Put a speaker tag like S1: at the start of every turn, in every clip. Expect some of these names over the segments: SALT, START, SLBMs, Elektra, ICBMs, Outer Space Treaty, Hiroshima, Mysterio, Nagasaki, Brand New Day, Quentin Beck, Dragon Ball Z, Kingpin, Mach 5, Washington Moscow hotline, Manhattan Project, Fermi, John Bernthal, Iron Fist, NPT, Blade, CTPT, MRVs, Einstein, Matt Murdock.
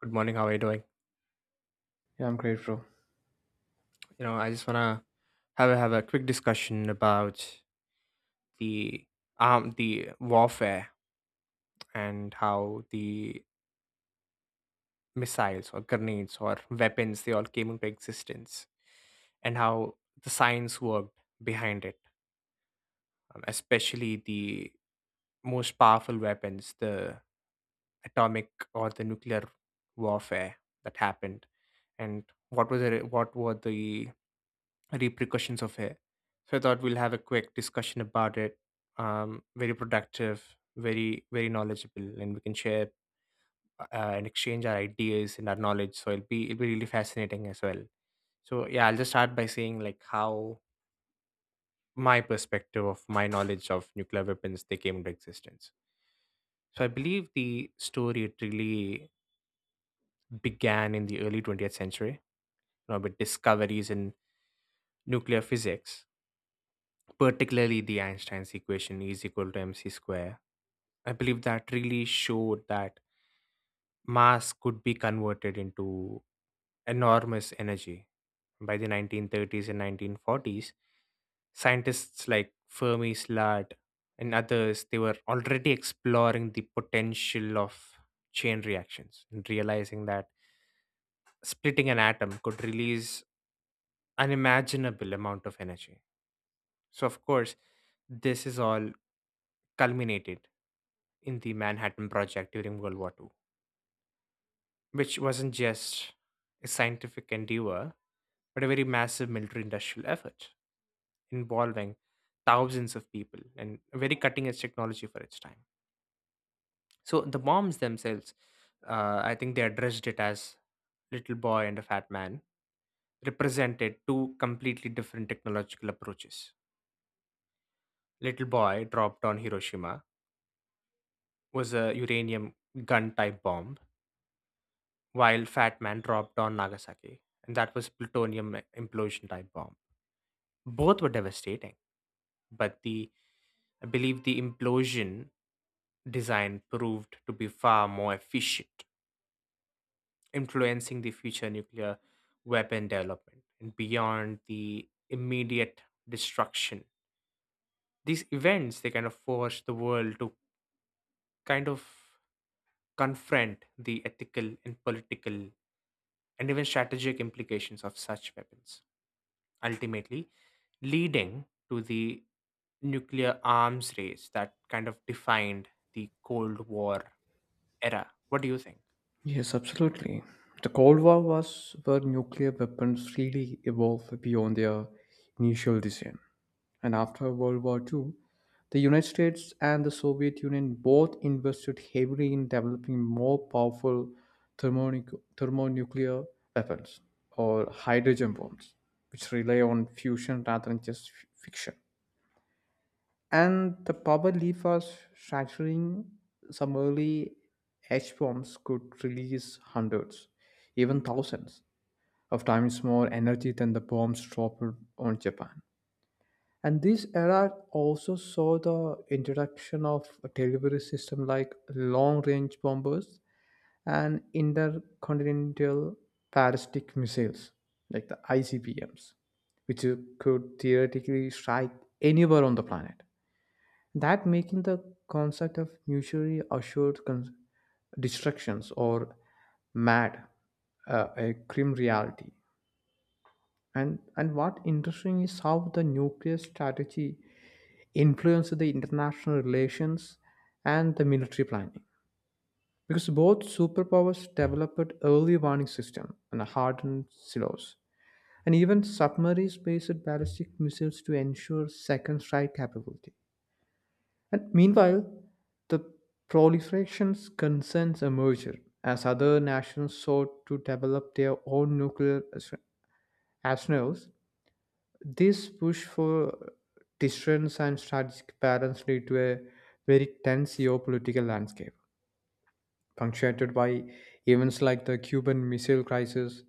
S1: Good morning. How are you doing?
S2: Yeah, I'm great, bro.
S1: I just wanna have a quick discussion about the the warfare and how the missiles or grenades or weapons they all came into existence and how the science worked behind it, especially the most powerful weapons, the atomic or the nuclear warfare that happened, and what was it? What were the repercussions of it. So I thought we'll have a quick discussion about it. Very productive, very knowledgeable, and we can share uh, and exchange our ideas and our knowledge. So it'll be really fascinating as well. So yeah, I'll just start by saying like how my perspective of my knowledge of nuclear weapons they came into existence. So I believe the story it really began in the early 20th century, you know, with discoveries in nuclear physics, particularly the Einstein's equation E is equal to mc square. I believe that really showed that mass could be converted into enormous energy. By the 1930s and 1940s, scientists like Fermi Slot and others they were already exploring the potential of chain reactions and realizing that splitting an atom could release unimaginable amount of energy. So of course, this is all culminated in the Manhattan Project during World War Two, which wasn't just a scientific endeavor, but a very massive military industrial effort involving thousands of people and a very cutting edge technology for its time. So the bombs themselves, I think they addressed it as little boy and a fat man, represented two completely different technological approaches. Little boy dropped on Hiroshima was a uranium gun type bomb, while fat man dropped on Nagasaki, and that was plutonium implosion type bomb. Both were devastating, but the I believe the implosion design proved to be far more efficient, influencing the future nuclear weapon development and beyond the immediate destruction. These events they kind of forced the world to kind of confront the ethical and political and even strategic implications of such weapons, ultimately leading to the nuclear arms race that kind of defined the Cold War era. What do you think?
S2: Yes, absolutely. The Cold War was where nuclear weapons really evolved beyond their initial design. And after World War II, the United States and the Soviet Union both invested heavily in developing more powerful thermonuclear weapons or hydrogen bombs, which rely on fusion rather than just fiction. And the power leaf was shattering. Some early H bombs could release hundreds, even thousands, of times more energy than the bombs dropped on Japan. And this era also saw the introduction of a delivery system like long-range bombers and intercontinental ballistic missiles, like the ICBMs, which could theoretically strike anywhere on the planet, that making the concept of mutually assured destructions, or mad, a grim reality. And what interesting is how the nuclear strategy influenced the international relations and the military planning, because both superpowers developed early warning system and hardened silos and even submarines based ballistic missiles to ensure second strike capability. And meanwhile, the proliferation's concerns a merger as other nations sought to develop their own nuclear arsenals. This push for deterrence and strategic balance led to a very tense geopolitical landscape punctuated by events like the Cuban Missile Crisis,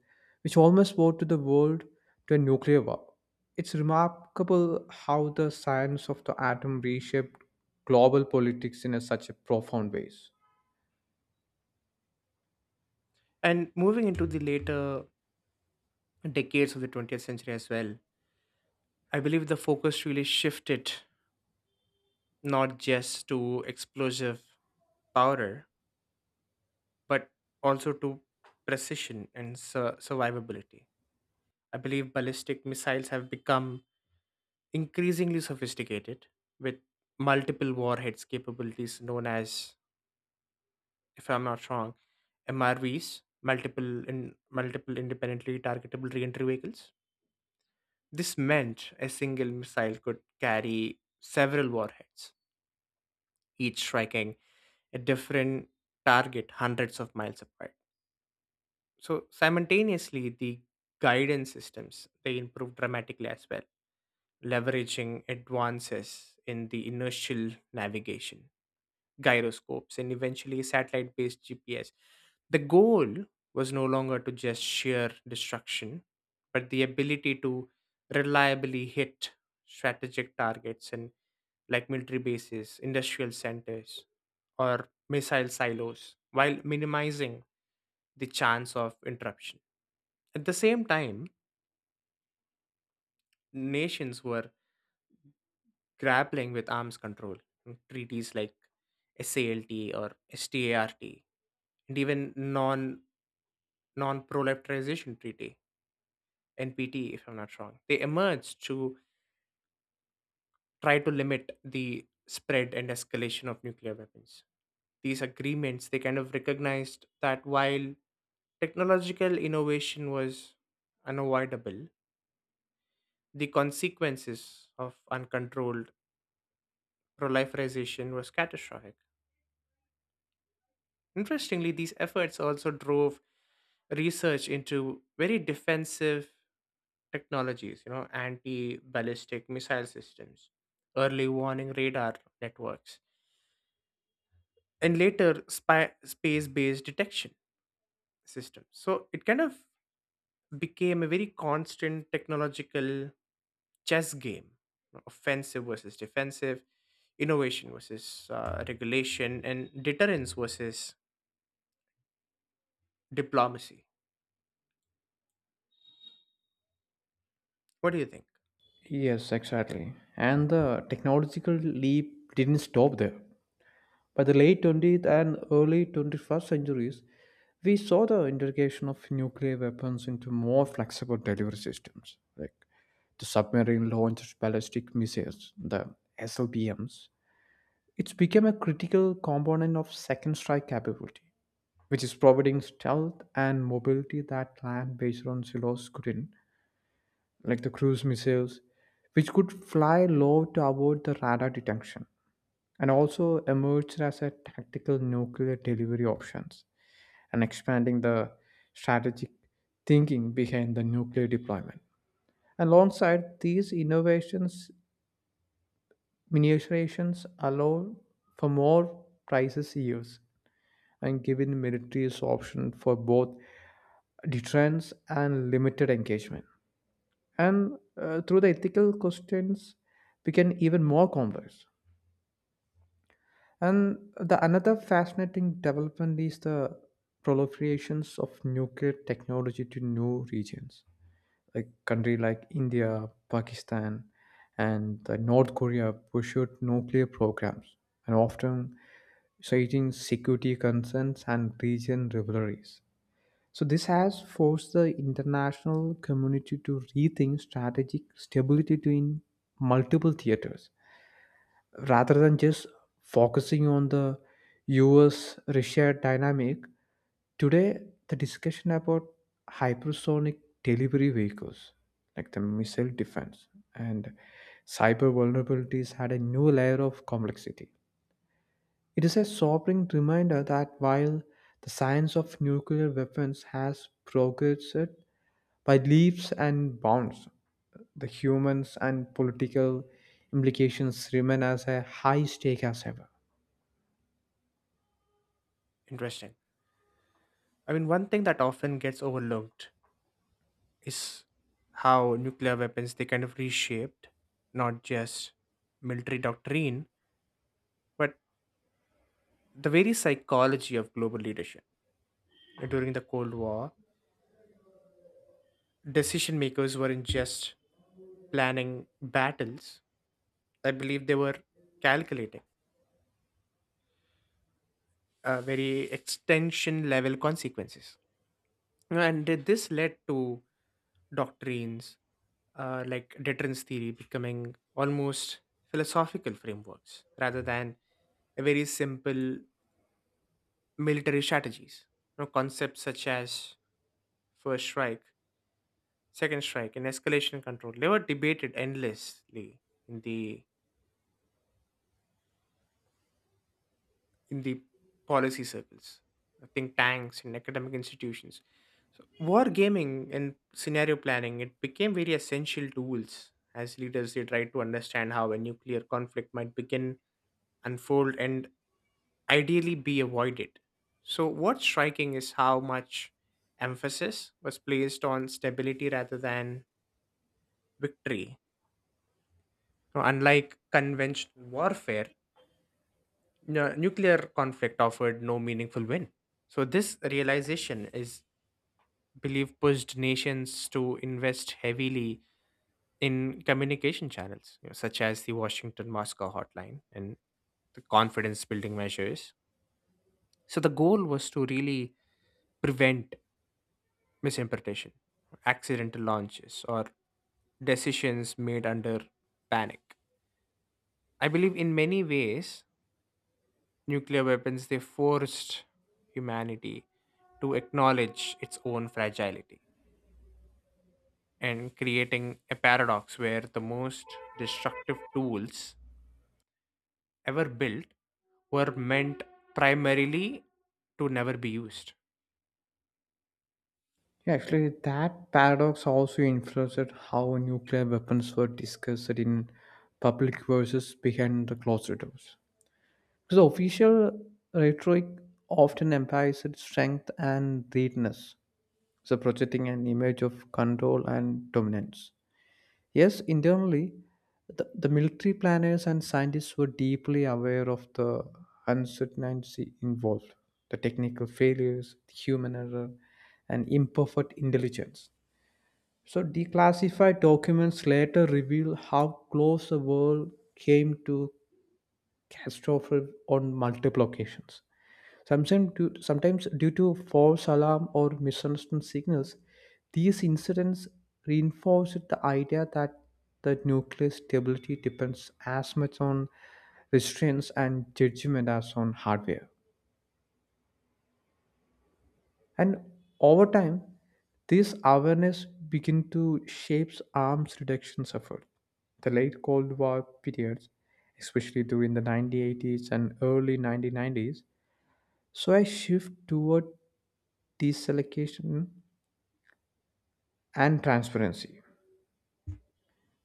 S2: which almost brought to the world to a nuclear war. It's remarkable how the science of the atom reshaped global politics in a, such a profound ways.
S1: And moving into the later decades of the 20th century as well, I believe the focus really shifted not just to explosive power, but also to precision and survivability. I believe ballistic missiles have become increasingly sophisticated with multiple warheads capabilities known as, if I'm not wrong, MRVs, multiple independently targetable reentry vehicles. This meant a single missile could carry several warheads, each striking a different target hundreds of miles apart. So simultaneously, the guidance systems they improved dramatically as well, leveraging advances in the inertial navigation gyroscopes, and eventually satellite based GPS. The goal was no longer to just sheer destruction, but the ability to reliably hit strategic targets and like military bases, industrial centers, or missile silos while minimizing the chance of interruption. At the same time, nations were grappling with arms control and treaties like SALT or START and even Non-Proliferation Treaty, NPT, if I'm not wrong. They emerged to try to limit the spread and escalation of nuclear weapons. These agreements, they kind of recognized that while technological innovation was unavoidable, the consequences of uncontrolled proliferation was catastrophic. Interestingly, these efforts also drove research into very defensive technologies, you know, anti-ballistic missile systems, early warning radar networks, and later spy space-based detection systems. So it kind of became a very constant technological chess game, you know, offensive versus defensive, innovation versus regulation, and deterrence versus diplomacy. What do you think?
S2: Yes, exactly. And the technological leap didn't stop there. By the late 20th and early 21st centuries, we saw the integration of nuclear weapons into more flexible delivery systems, like the submarine launched ballistic missiles, the SLBMs. It's become a critical component of second strike capability, which is providing stealth and mobility that land based on silos couldn't, like the cruise missiles, which could fly low to avoid the radar detection and also emerged as a tactical nuclear delivery options and expanding the strategic thinking behind the nuclear deployment. Alongside these innovations, miniaturizations allow for more precise use and giving militaries option for both deterrence and limited engagement. And through the ethical questions became even more complex. And the another fascinating development is the proliferations of nuclear technology to new regions. Like country like India, Pakistan, and the North Korea pursued nuclear programs, and often citing security concerns and region rivalries. So this has forced the international community to rethink strategic stability to in multiple theaters rather than just focusing on the US Russia dynamic. Today the discussion about hypersonic delivery vehicles like the missile defense and cyber vulnerabilities had a new layer of complexity. It is a sobering reminder that while the science of nuclear weapons has progressed by leaps and bounds, the humans and political implications remain as a high stake as ever.
S1: Interesting. I mean, one thing that often gets overlooked is how nuclear weapons they kind of reshaped not just military doctrine but the very psychology of global leadership. Like, during the cold war decision makers weren't just planning battles, I believe they were calculating very extension level consequences, and this led to doctrines like deterrence theory becoming almost philosophical frameworks rather than a very simple military strategies. You know, concepts such as first strike, second strike, and escalation control they were debated endlessly in the in the policy circles, think tanks and academic institutions. So war gaming and scenario planning it became very essential tools as leaders they tried to understand how a nuclear conflict might begin, unfold, and ideally be avoided. So, what's striking is how much emphasis was placed on stability rather than victory. Now, unlike conventional warfare, nuclear conflict offered no meaningful win. So, this realization is believed pushed nations to invest heavily in communication channels, you know, such as the Washington Moscow hotline and the confidence building measures. So, the goal was to really prevent misinterpretation, accidental launches, or decisions made under panic. I believe in many ways, nuclear weapons they forced humanity to acknowledge its own fragility and creating a paradox where the most destructive tools ever built were meant primarily to never be used.
S2: Yeah, actually, that paradox also influenced how nuclear weapons were discussed in public versus behind the closed doors. The official rhetoric often implies its strength and greatness, so projecting an image of control and dominance. Yes, internally, the military planners and scientists were deeply aware of the uncertainty involved, the technical failures, the human error, and imperfect intelligence. So, declassified documents later reveal how close the world came to catastrophe on multiple occasions. Sometimes due to false alarm or misunderstood signals, these incidents reinforced the idea that the nuclear stability depends as much on restraints and judgment as on hardware. And over time, this awareness begin to shape arms reduction effort. The late Cold War periods, especially during the 1980s and early 1990s, saw a shift toward deselectivation and transparency.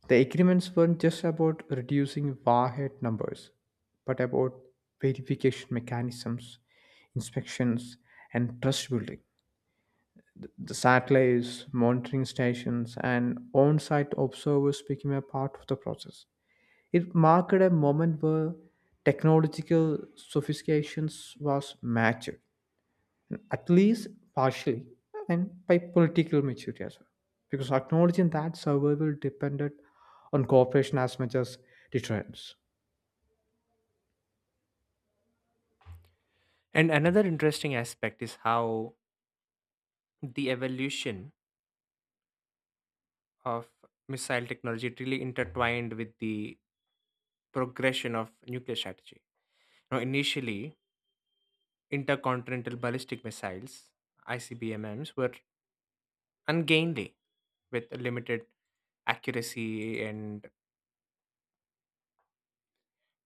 S2: The agreements weren't just about reducing warhead numbers, but about verification mechanisms, inspections, and trust building. The satellites, monitoring stations, and on site observers became a part of the process. It marked a moment where technological sophistications was matched, at least partially, and by political maturity as well. Because acknowledging that survival depended on cooperation as much as deterrence.
S1: And another interesting aspect is how the evolution of missile technology really intertwined with the progression of nuclear strategy. Now, initially, intercontinental ballistic missiles (ICBMs) were ungainly, with limited accuracy and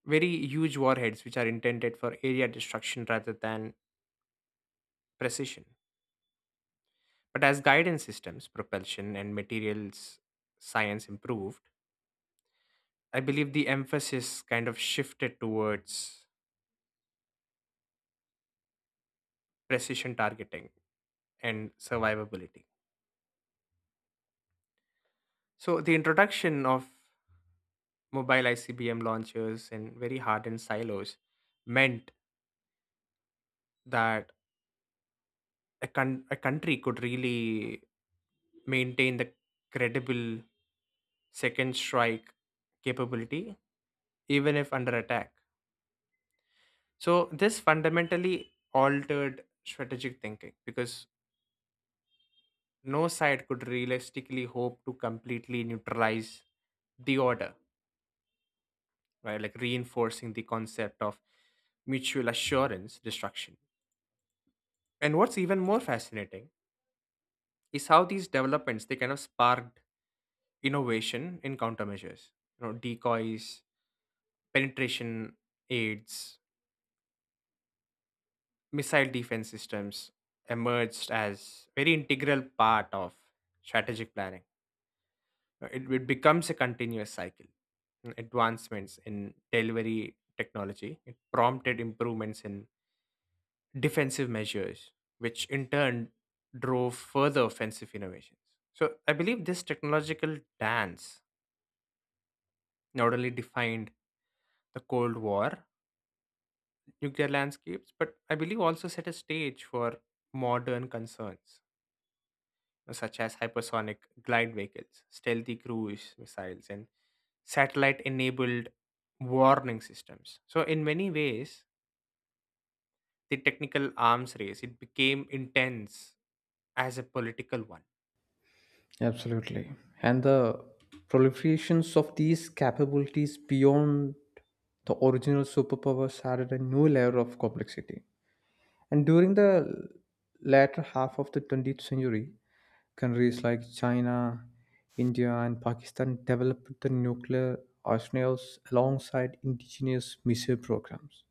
S1: very huge warheads, which are intended for area destruction rather than precision. But as guidance systems, propulsion, and materials science improved, I believe the emphasis kind of shifted towards precision targeting and survivability. So the introduction of mobile ICBM launchers and very hardened silos meant that a country could really maintain the credible second strike capability even if under attack. So this fundamentally altered strategic thinking because no side could realistically hope to completely neutralize the order, right? Like reinforcing the concept of mutual assurance destruction. And what's even more fascinating is how these developments they kind of sparked innovation in countermeasures. You know, decoys, penetration aids, missile defense systems emerged as very integral part of strategic planning. It becomes a continuous cycle. Advancements in delivery technology it prompted improvements in defensive measures, which in turn drove further offensive innovations. So I believe this technological dance not only defined the Cold War nuclear landscapes, but I believe also set a stage for modern concerns such as hypersonic glide vehicles, stealthy cruise missiles, and satellite enabled warning systems. So, in many ways, the technical arms race it became intense as a political one.
S2: Absolutely. And the proliferations of these capabilities beyond the original superpowers added a new layer of complexity. And during the latter half of the 20th century, countries like China, India, and Pakistan developed the nuclear arsenals alongside indigenous missile programs.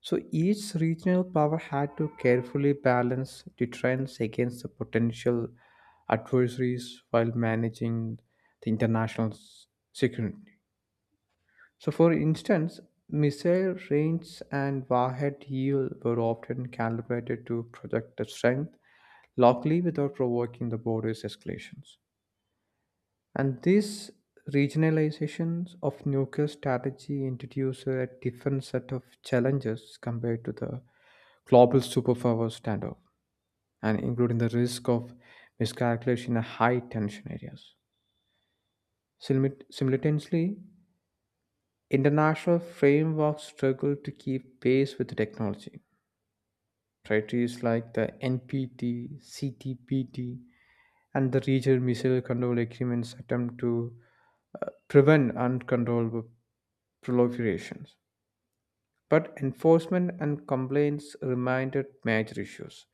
S2: So each regional power had to carefully balance deterrence against the potential adversaries while managing the international security. So, for instance, missile range and warhead yield were often calibrated to project the strength locally without provoking the border's escalations. And this regionalizations of nuclear strategy introduced a different set of challenges compared to the global superpower standoff, and including the risk of miscalculation in high tension areas. Simultaneously, international frameworks struggle to keep pace with the technology. Treaties like the NPT, CTPT, and the Regional Missile Control Agreements attempt to prevent uncontrollable proliferations. But enforcement and complaints remained major issues,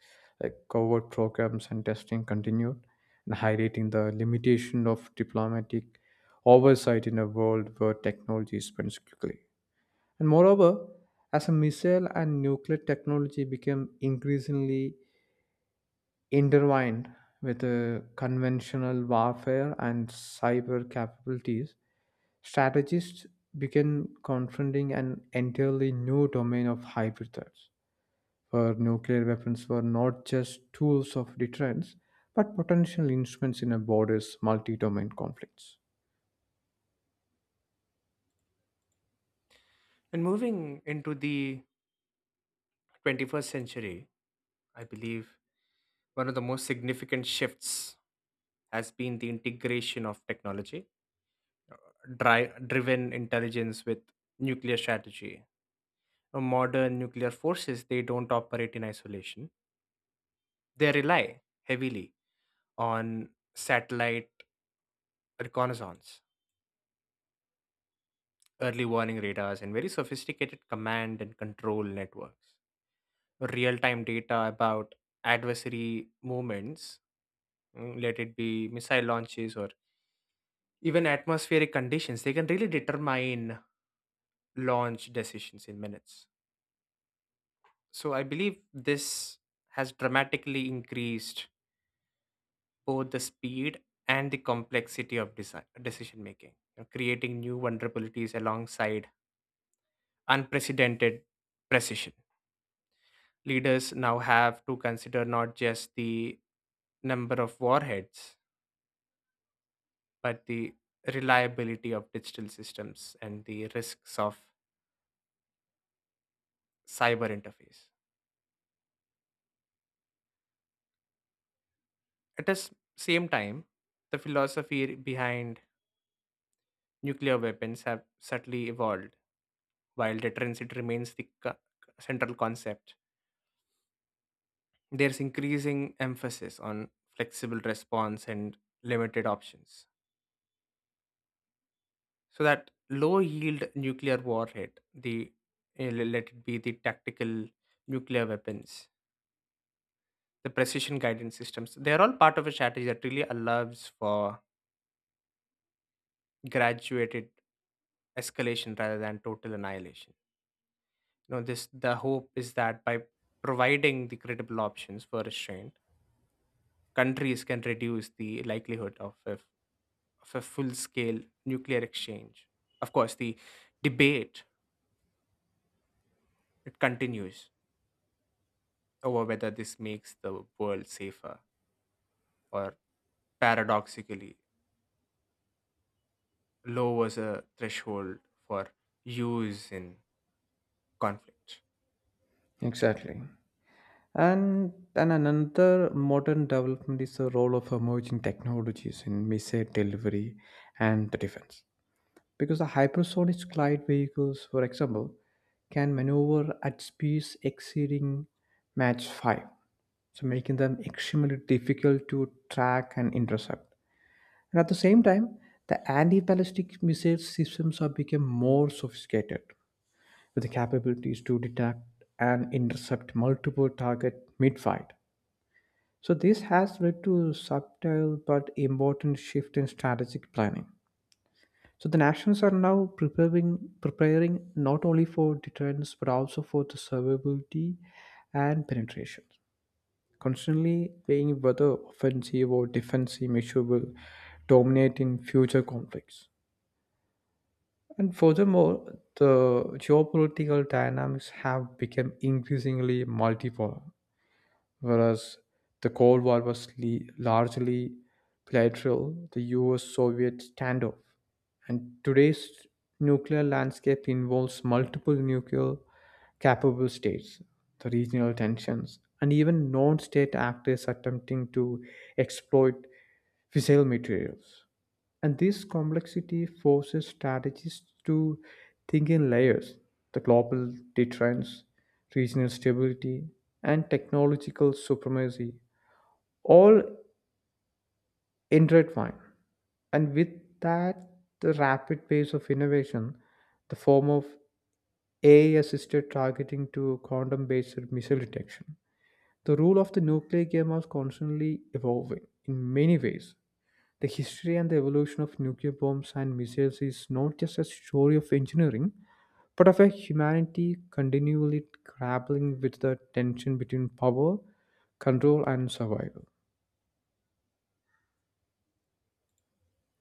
S2: like covert programs and testing continued, and highlighting the limitation of diplomatic oversight in a world where technology spends quickly. And moreover, as a missile and nuclear technology became increasingly intertwined with conventional warfare and cyber capabilities, strategists began confronting an entirely new domain of hybrid threats, where nuclear weapons were not just tools of deterrence, but potential instruments in a border's multi domain conflicts.
S1: And moving into the 21st century, I believe one of the most significant shifts has been the integration of technology, driven intelligence with nuclear strategy. Modern nuclear forces, they don't operate in isolation. They rely heavily on satellite reconnaissance, early warning radars, and very sophisticated command and control networks. Real-time data about adversary movements, let it be missile launches or even atmospheric conditions they can really determine launch decisions in minutes. So I believe this has dramatically increased both the speed and the complexity of design, decision making, you know, creating new vulnerabilities alongside unprecedented precision. Leaders now have to consider not just the number of warheads but the reliability of digital systems and the risks of cyber interface. At the same time, the philosophy behind nuclear weapons have subtly evolved, while deterrence it remains the central concept. There's increasing emphasis on flexible response and limited options, so that low-yield nuclear warhead, the let it be the tactical nuclear weapons, the precision guidance systems, they are all part of a strategy that really allows for graduated escalation rather than total annihilation. You know this the hope is that by providing the credible options for restraint countries can reduce the likelihood of a full scale nuclear exchange. Of course the debate it continues over whether this makes the world safer or paradoxically lowers a threshold for use in conflict.
S2: Exactly. And then another modern development is the role of emerging technologies in missile delivery and the defense. Because the hypersonic glide vehicles, for example, can maneuver at speeds exceeding Mach 5, so making them extremely difficult to track and intercept. And at the same time, the anti-ballistic missile systems have become more sophisticated, with the capabilities to detect and intercept multiple targets mid-flight, so this has led to subtle but important shift in strategic planning. So the nations are now preparing not only for deterrence but also for the survivability and penetration. Constantly weighing whether offensive or defensive measure will dominate in future conflicts. And furthermore, the geopolitical dynamics have become increasingly multipolar, whereas the Cold War was largely bilateral, the US Soviet standoff. And today's nuclear landscape involves multiple nuclear capable states, the regional tensions, and even non state actors attempting to exploit fissile materials. And this complexity forces strategists to think in layers, the global deterrence, regional stability, and technological supremacy, all intertwined. And with that, the rapid pace of innovation, the form of AI assisted targeting to quantum based missile detection. The rule of the nuclear game was constantly evolving in many ways. The history and the evolution of nuclear bombs and missiles is not just a story of engineering, but of a humanity continually grappling with the tension between power, control, and survival.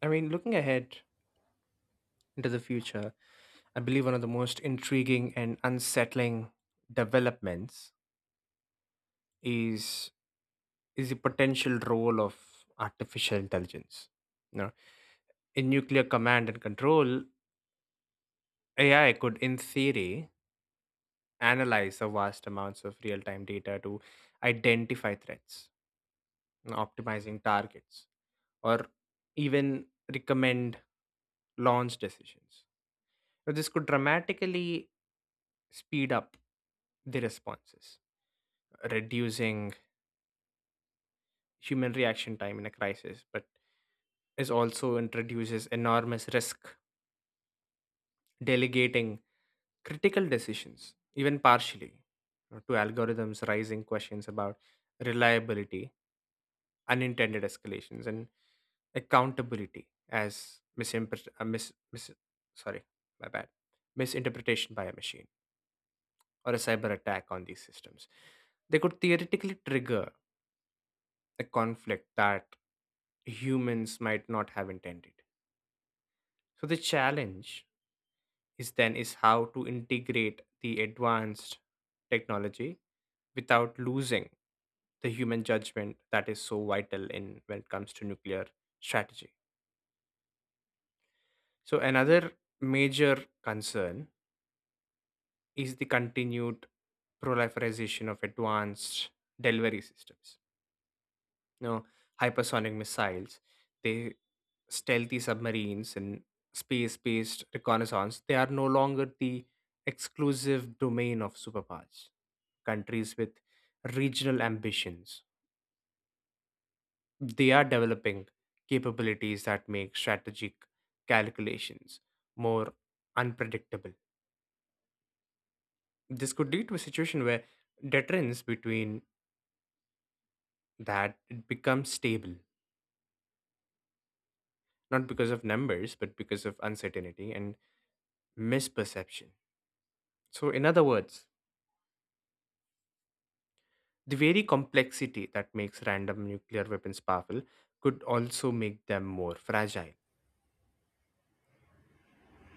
S1: I mean looking ahead into the future I believe one of the most intriguing and unsettling developments is is the potential role of artificial intelligence. Now, in nuclear command and control, AI could, in theory, analyze the vast amounts of real time data to identify threats, and optimizing targets, or even recommend launch decisions. Now, this could dramatically speed up the responses, reducing human reaction time in a crisis, but is also introduces enormous risk delegating critical decisions, even partially, you know, to algorithms raising questions about reliability, unintended escalations, and accountability as sorry, my bad, misinterpretation by a machine or a cyber attack on these systems. They could theoretically trigger a conflict that humans might not have intended. So the challenge is how to integrate the advanced technology without losing the human judgment that is so vital in when it comes to nuclear strategy. So another major concern is the continued proliferation of advanced delivery systems, you know, hypersonic missiles, they stealthy submarines and space-based reconnaissance, they are no longer the exclusive domain of superpowers. Countries with regional ambitions, they are developing capabilities that make strategic calculations more unpredictable. This could lead to a situation where deterrence between that it becomes stable, not because of numbers, but because of uncertainty and misperception. So, in other words, the very complexity that makes random nuclear weapons powerful could also make them more fragile.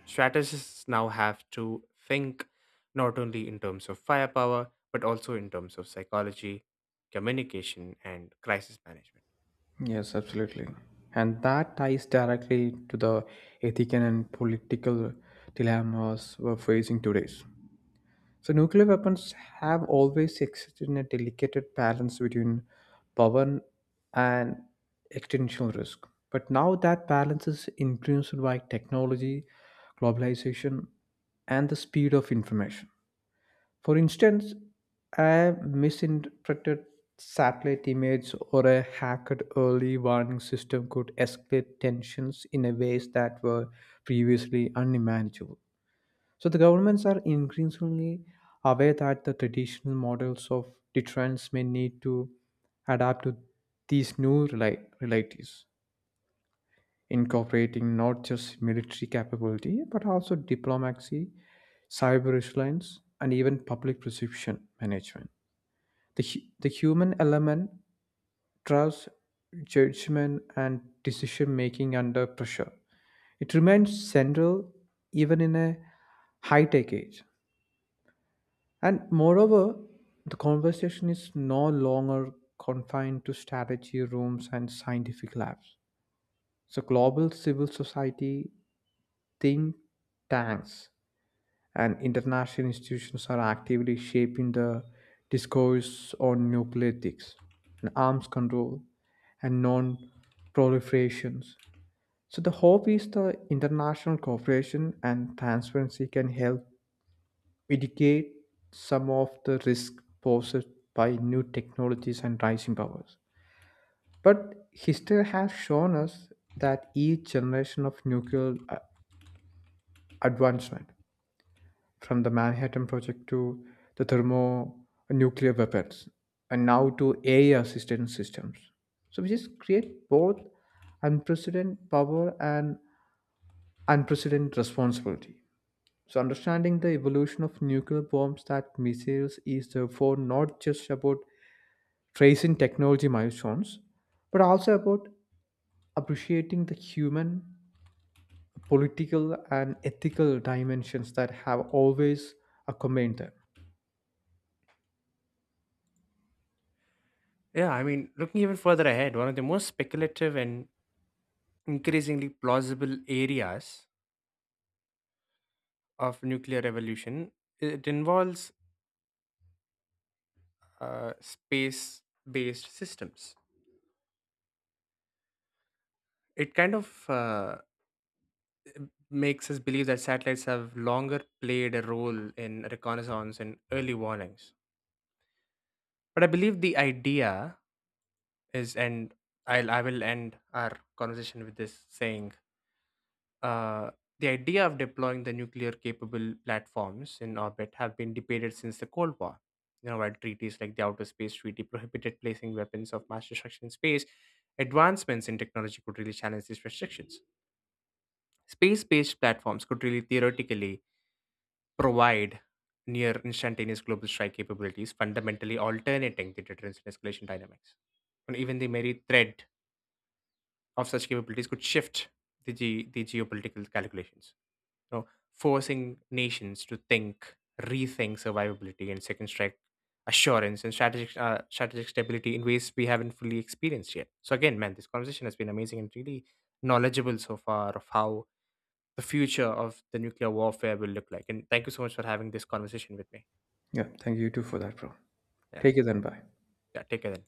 S1: Strategists now have to think not only in terms of firepower, but also in terms of psychology, communication, and crisis management.
S2: Yes, absolutely. And that ties directly to the ethical and political dilemmas we're facing today. So nuclear weapons have always existed in a delicate balance between power and existential risk. But now that balance is influenced by technology, globalization, and the speed of information. For instance, a misinterpreted satellite image or a hacked early warning system could escalate tensions in a ways that were previously unimaginable. So the governments are increasingly aware that the traditional models of deterrence may need to adapt to these new realities, incorporating not just military capability but also diplomacy, cyber resilience, and even public perception management. The, the human element, trust, judgment, and decision making under pressure. It remains central even in a high tech age. And moreover, the conversation is no longer confined to strategy rooms and scientific labs. So, global civil society, think tanks, and international institutions are actively shaping the discourse on nuclear ethics and arms control and non proliferations. So, the hope is the international cooperation and transparency can help mitigate some of the risk posed by new technologies and rising powers. But history has shown us that each generation of nuclear advancement, from the Manhattan Project to the thermonuclear weapons, and now to AI assisted systems, so we just create both unprecedented power and unprecedented responsibility. So, understanding the evolution of nuclear bombs that missiles is therefore not just about tracing technology milestones, but also about appreciating the human, political, and ethical dimensions that have always accompanied them.
S1: Yeah, I mean, looking even further ahead, one of the most speculative and increasingly plausible areas of nuclear evolution it involves space-based systems. It kind of m- makes us believe that satellites have longer played a role in reconnaissance and early warnings. But I believe the idea is, and I will end our conversation with this saying, uh, the idea of deploying the nuclear capable platforms in orbit have been debated since the Cold War. You know, while treaties like the Outer Space Treaty prohibited placing weapons of mass destruction in space, advancements in technology could really challenge these restrictions. Space based platforms could really theoretically provide near instantaneous global strike capabilities, fundamentally alternating the deterrence and escalation dynamics. And even the merry thread of such capabilities could shift the geopolitical calculations, you know, forcing nations to rethink survivability and second strike assurance and strategic stability in ways we haven't fully experienced yet. So again, man, this conversation has been amazing and really knowledgeable so far of how the future of the nuclear warfare will look like. And thank you so much for having this conversation with me.
S2: Yeah, thank you too for that, bro.
S1: Yeah.
S2: Take it then. Bye.
S1: Yeah. Take care then.